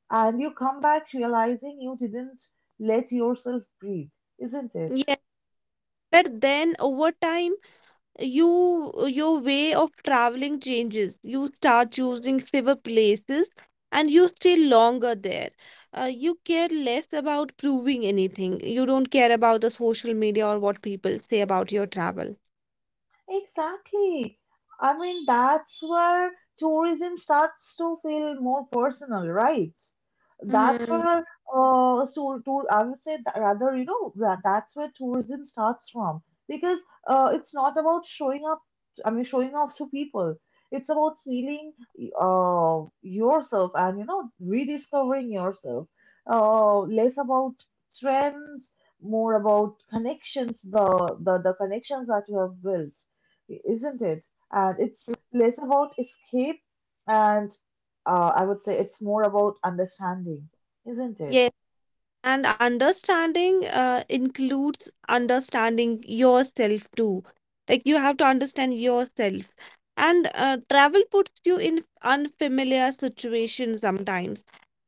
A: and you come back realizing you didn't let yourself breathe, isn't it?
C: But then over time, your way of traveling changes. You start choosing fewer places and you stay longer there. You care less about proving anything. You don't care about the social media or what people say about your travel.
A: Exactly. I mean, that's where tourism starts to feel more personal, right? That's
C: Hmm.
A: where, I would say that rather, you know, that's where tourism starts from, because it's not about showing up, I mean, showing off to people. It's about feeling yourself and, you know, rediscovering yourself. Less about trends, more about connections, the connections that you have built, isn't it? And it's less about escape, and I would say it's more about understanding, isn't it?
C: Yes, and understanding includes understanding yourself too. Like you have to understand yourself. And travel puts you in unfamiliar situations sometimes.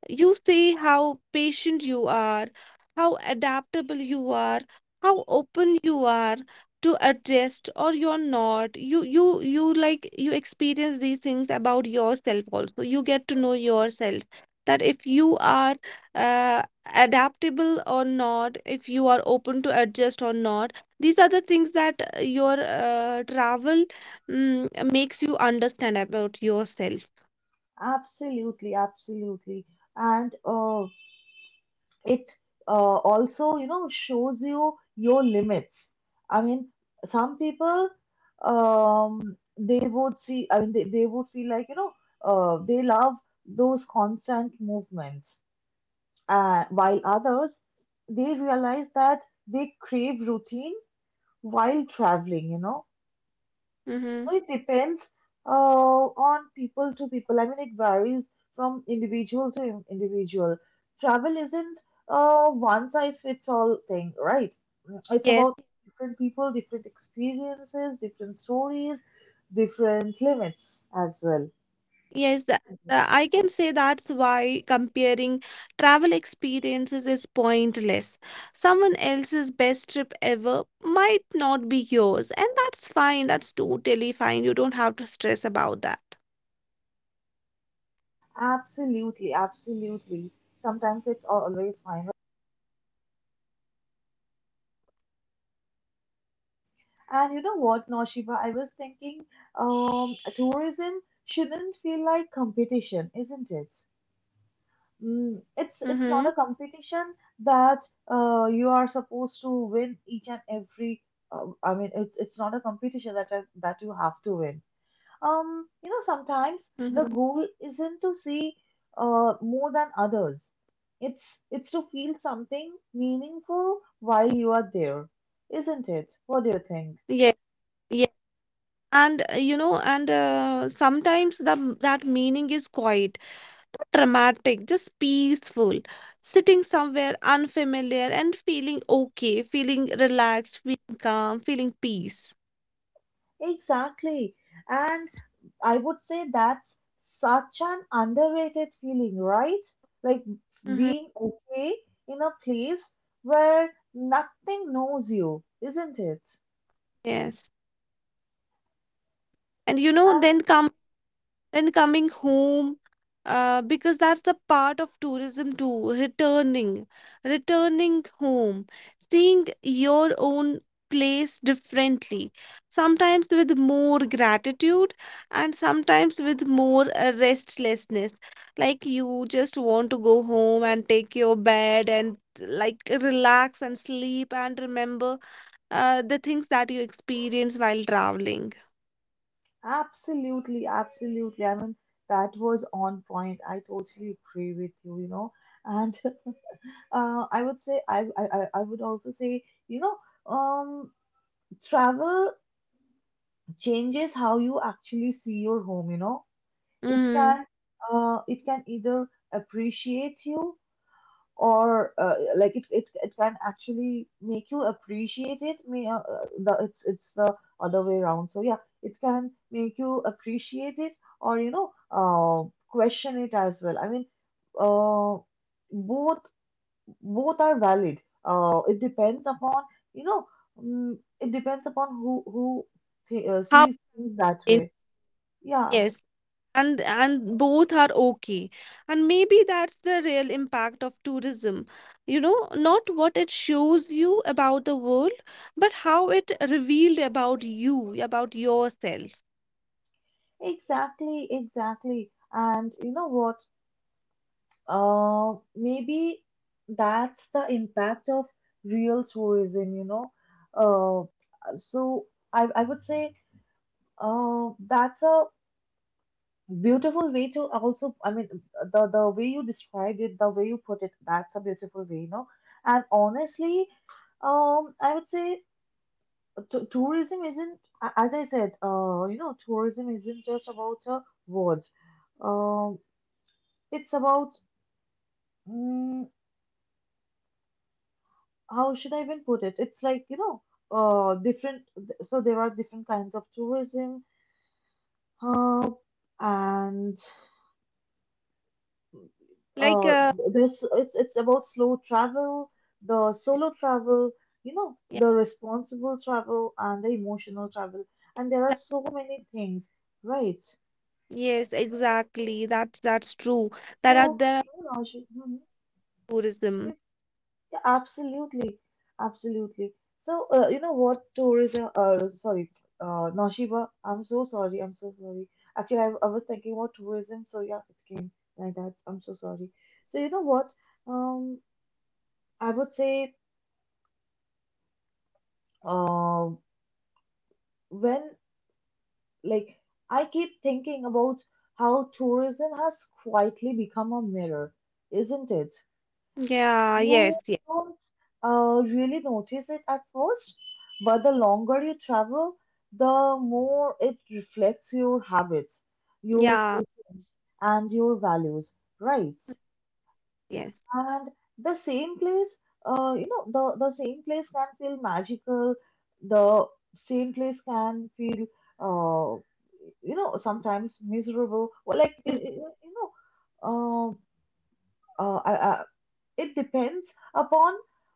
C: You see how patient you are, how adaptable you are, how open you are to adjust or you're not. You experience these things about yourself also. You get to know yourself that if you are uh, adaptable or not, if you are open to adjust or not. These are the things that your travel makes you understand about yourself.
A: Absolutely, absolutely. And it also, you know, shows you your limits. I mean, some people, they would see, I mean, they would feel like, you know, they love those constant movements, while others, they realize that they crave routine while traveling, you know.
C: Mm-hmm.
A: So it depends on people to people. I mean, it varies from individual to individual. Travel isn't a one size fits all thing, right? Mm, it's
C: Yes,
A: about different people, different experiences, different stories, different limits as well.
C: yes, I can say that's why comparing travel experiences is pointless. Someone else's best trip ever might not be yours, and that's fine. That's totally fine. You don't have to stress about that.
A: Absolutely, absolutely. Sometimes it's always fine. And you know what, Noshiba, I was thinking, tourism shouldn't feel like competition, isn't it? Mm,
C: Mm-hmm.
A: it's not a competition that you are supposed to win each and every. I mean, it's not a competition that that you have to win. You know, sometimes
C: Mm-hmm.
A: the goal isn't to see more than others. It's to feel something meaningful while you are there, isn't it? What do you think?
C: Yeah, yeah. And sometimes the that meaning is quiet, dramatic, just peaceful. Sitting somewhere unfamiliar and feeling okay, feeling relaxed, feeling calm, feeling peace.
A: Exactly. And I would say that's such an underrated feeling, right? Like being
C: Hmm.
A: okay in a place where nothing knows you, isn't it?
C: Yes. And you know,
A: And
C: then coming home, because that's the part of tourism too, returning home, seeing your own place differently, sometimes with more gratitude and sometimes with more restlessness, like you just want to go home and take your bed and like relax and sleep and remember the things that you experience while traveling.
A: absolutely, absolutely. I mean, that was on point. I totally agree with you, you know. And *laughs* I would say, I would also say, um, travel changes how you actually see your home. It
C: Mm.
A: can it can either appreciate you or like it can actually make you appreciate it may the it's the Other way around, so yeah, it can make you appreciate it or question it as well. I mean, uh, both, both are valid. Uh, it depends upon, you know it depends upon who
C: How?
A: sees things that way, yeah.
C: Yes. And both are okay. And maybe that's the real impact of tourism. You know, not what it shows you about the world, but how it revealed about you, about yourself.
A: Exactly, exactly. And you know what? Maybe that's the impact of real tourism, you know. So I would say that's a beautiful way to also, I mean, the way you described it, the way you put it, that's a beautiful way, you know. And honestly, I would say t tourism isn't, as I said, tourism isn't just about words. Um, it's about, mm, how should I even put it? It's like, you know, different. So there are different kinds of tourism, uh, and
C: Like
A: uh,
C: uh,
A: this, it's about slow travel, the solo travel, you know,
C: yeah,
A: the responsible travel and the emotional travel, and there are
C: that,
A: so many things, right?
C: yes, exactly. That's true. That are
A: So
C: there
A: you know, Ashu,
C: tourism.
A: mhm. Yeah, absolutely, absolutely. So, you know what, tourism? Sorry, Naushiba. I'm so sorry. I'm so sorry. Actually, I was thinking about tourism. So yeah, it came like that. I'm so sorry. So you know what? Um, I would say, uh, when, like, I keep thinking about how tourism has quietly become a mirror, isn't it?
C: Yeah,
A: You
C: yes, yeah,
A: don't really notice it at first, but the longer you travel, the more it reflects your habits, your
C: yeah,
A: patience, and your values, right?
C: yes.
A: And the same place, you know, the same place can feel magical, the same place can feel, uh, you know, sometimes miserable. Well, like, you know, uh, uh, I, I, it depends upon,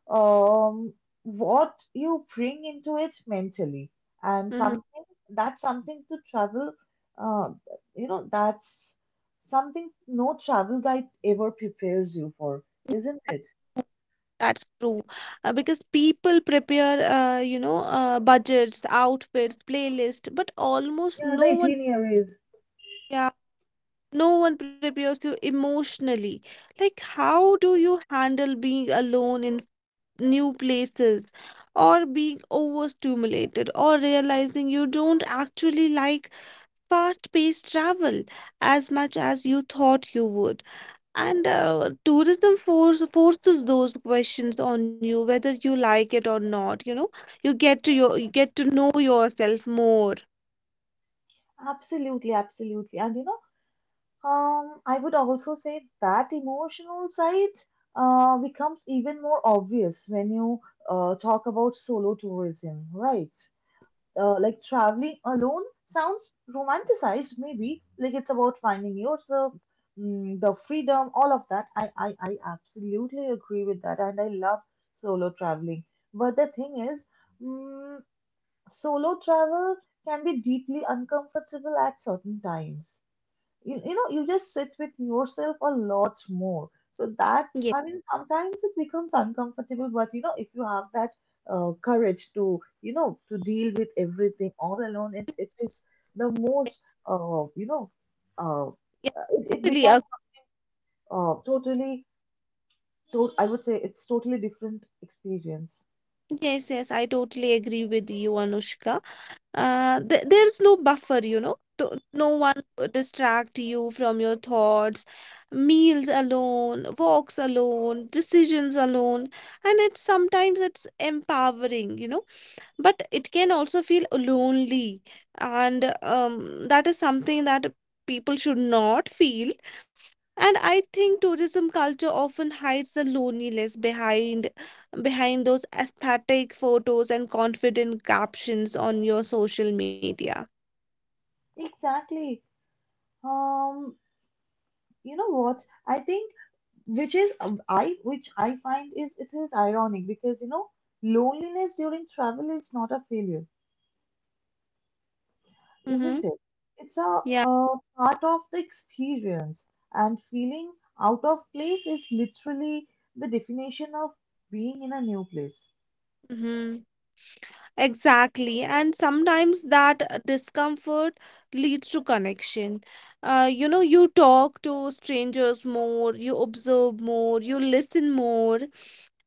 A: um, what you bring into it mentally, and
C: Hmm.
A: something to travel. Uh, you know, that's something no travel guide ever prepares you for, isn't it?
C: That's true. Because people prepare, budgets, outfits, playlist, but almost
A: Yeah,
C: no
A: the
C: one
A: itineraries.
C: Yeah, no one prepares you emotionally. Like, how do you handle being alone in new places or being overstimulated or realizing you don't actually like fast-paced travel as much as you thought you would? And tourism forces those questions on you, whether you like it or not, you know. You get to know yourself more.
A: Absolutely, absolutely. And you know, I would also say that emotional side becomes even more obvious when you talk about solo tourism, right? Like, traveling alone sounds romanticized, maybe like it's about finding yourself, the freedom, all of that. I absolutely agree with that, and I love solo traveling. But the thing is, mm, solo travel can be deeply uncomfortable at certain times. You know, you just sit with yourself a lot more, so that,
C: Yeah.
A: I mean, sometimes it becomes uncomfortable. But you know, if you have that courage to, you know, to deal with everything all alone, it is the most uh, you know uh,
C: Yeah,
A: it
C: totally.
A: becomes totally, I would say it's totally different experience.
C: Yes, yes, I totally agree with you, Anushka. Th there's no buffer, no one to distract you from your thoughts, meals alone, walks alone, decisions alone, and it's sometimes it's empowering, but it can also feel lonely, and that is something that people should not feel. And I think tourism culture often hides the loneliness behind those aesthetic photos and confident captions on your social media.
A: Exactly. um you know what, I think, which I find is, it is ironic, because you know, loneliness during travel is not a failure,
C: Mm-hmm.
A: isn't it? It's
C: Yeah.
A: a part of the experience, and feeling out of place is literally the definition of being in a new place.
C: Mm-hmm. Exactly. And sometimes that discomfort leads to connection. You talk to strangers more, you observe more, you listen more,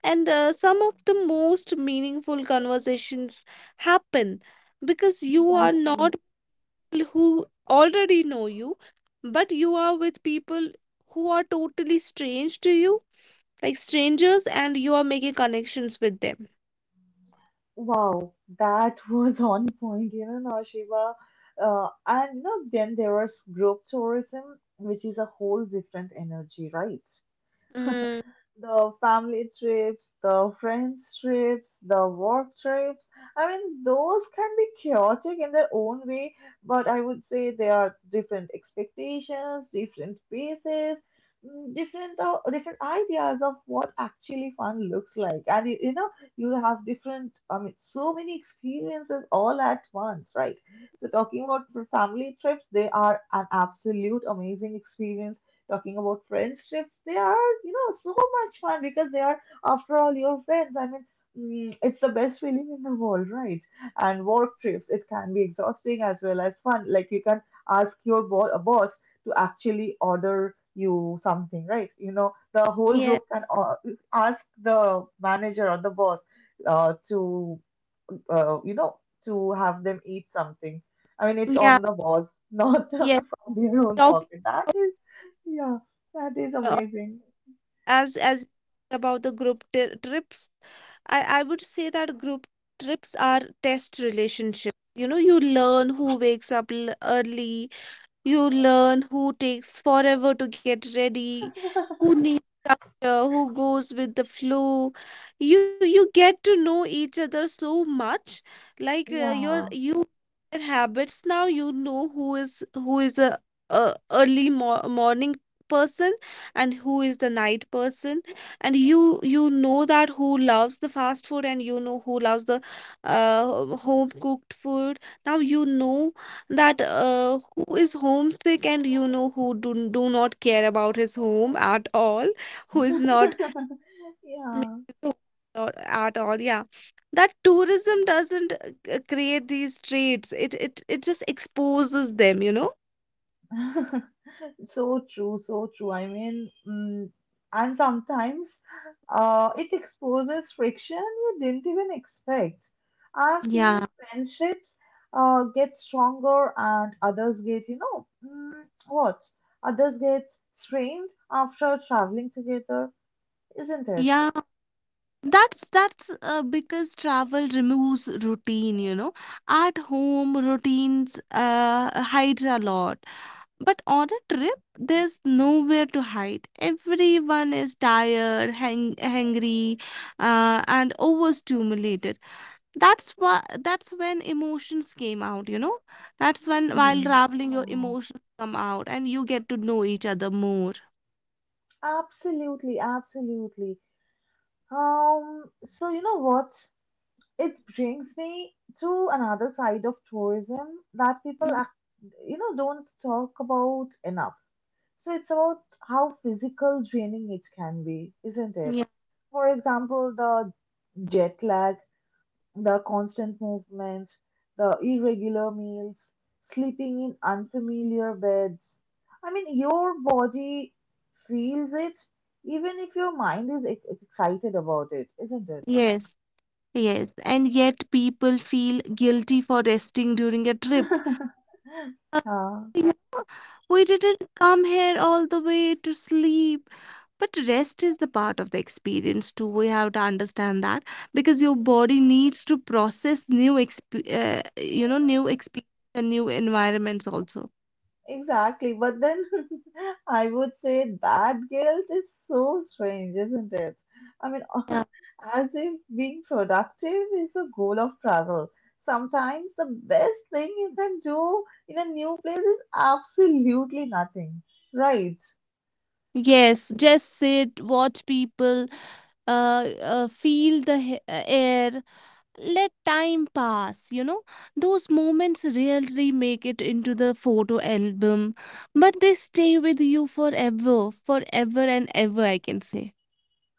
C: and some of the most meaningful conversations happen because you are
A: Exactly.
C: not who already know you, but you are with people who are totally strange to you, like strangers, and you are making connections with them.
A: Wow, that *laughs* was on point, you know, Naushiba. And you know, then there was group tourism, which is a whole different energy, right?
C: Mm,
A: The family trips, the friends trips, the work trips. I mean, those can be chaotic in their own way, but I would say they are different expectations, different paces, different different ideas of what actually fun looks like. And you know, you have different, I mean, so many experiences all at once, right? So talking about, for family trips, they are an absolute amazing experience. Talking about friends trips, they are, you know, so much fun because they are, after all, your friends. I mean, it's the best feeling in the world, right? And work trips, it can be exhausting as well as fun. Like, you can ask your boss to actually order you something, right? You know, the whole
C: yeah,
A: group can ask the manager or the boss to, you know, to have them eat something. I mean, it's
C: yeah,
A: on the boss, *laughs* not
C: yeah.
A: from their own
C: Talk,
A: pocket. That is, yeah, that is
C: uh,
A: amazing.
C: as about the group trips. I would say that group trips are test relationships. You know, you learn who wakes up early, you learn who takes forever to get ready, who
A: *laughs*
C: needs structure, who goes with the flow. You get to know each other so much. Like, your
A: Yeah.
C: you their habits now. You know who is a early morning person, and who is the night person, and you know that who loves the fast food, and you know who loves the home cooked food. Now you know that who is homesick, and you know who do not care about his home at all, who is not
A: *laughs*
C: miss
A: Yeah.
C: his home at all, yeah. That tourism doesn't create these traits, it just exposes them.
A: *laughs* So true, so true. I mean, and sometimes it exposes friction you didn't even expect. I've seen
C: Yeah,
A: friendships get stronger and others get, you know, mm, what? Others get strained after traveling together, isn't it?
C: yeah. That's because travel removes routine. At home, routines hides a lot. But on a trip, there's nowhere to hide. Everyone is tired, hangry, and overstimulated. That's why. That's when emotions came out. You know, that's when while
A: Hmm.
C: traveling, your
A: Yeah.
C: emotions come out, and you get to know each other more.
A: Absolutely, absolutely. So you know what? It brings me to another side of tourism that people,
C: Mhm.
A: act, you know, don't talk about enough. So it's about how physical draining it can be, isn't it?
C: Yeah.
A: For example, the jet lag, the constant movement, the irregular meals, sleeping in unfamiliar beds. I mean, your body feels it even if your mind is excited about it, isn't it?
C: Yes. Yes. And yet, people feel guilty for resting during a trip.
A: *laughs* *laughs* Yeah.
C: You know, we didn't come here all the way to sleep. But rest is the part of the experience too. We have to understand that because your body needs to process new experience and new environments also.
A: Exactly. But then *laughs* I would say that guilt is so strange, isn't it? I mean, *laughs*
C: Yeah.
A: as if being productive is the goal of travel. Sometimes the best thing you can do in a new place is absolutely nothing, right?
C: Yes, just sit, watch people, feel the air, let time pass, those moments rarely make it into the photo album, but they stay with you forever, forever and ever, I can say.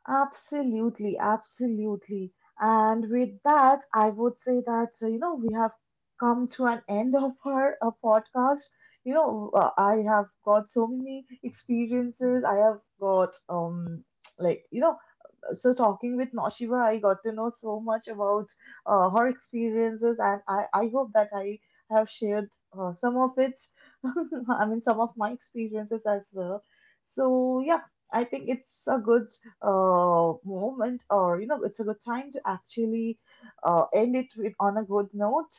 A: Absolutely, absolutely. And with that, I would say that, you know, we have come to an end *laughs* of our podcast. You know, I have got so many experiences. I have got, like, you know, so talking with Naushiba, I got to know so much about her experiences, and I hope that I have shared some of it. *laughs* I mean, some of my experiences as well. So yeah, I think it's a good moment, or you know, it's a good time to actually end it with, on a good note.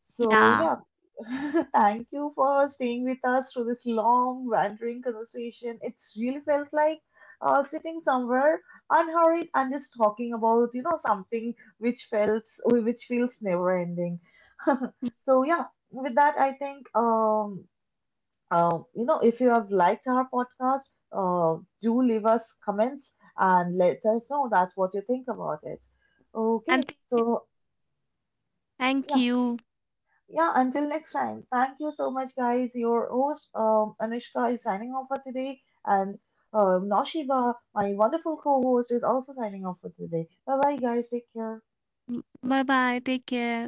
A: So
C: Yeah.
A: yeah. *laughs* Thank you for staying with us through this long, wandering conversation. It's really felt like sitting somewhere unhurried and just talking about, you know, something which feels never ending. *laughs* So yeah, with that, I think, you know, if you have liked our podcast, do leave us comments and let us know that what you think about it,
C: And
A: okay? So
C: thank
A: yeah.
C: you.
A: Yeah, until next time. Thank you so much, guys. Your host, Anushka, is signing off for today, and Noshiba, my wonderful co host, is also signing off for today. Bye bye, guys. Take care.
C: Bye bye. Take care.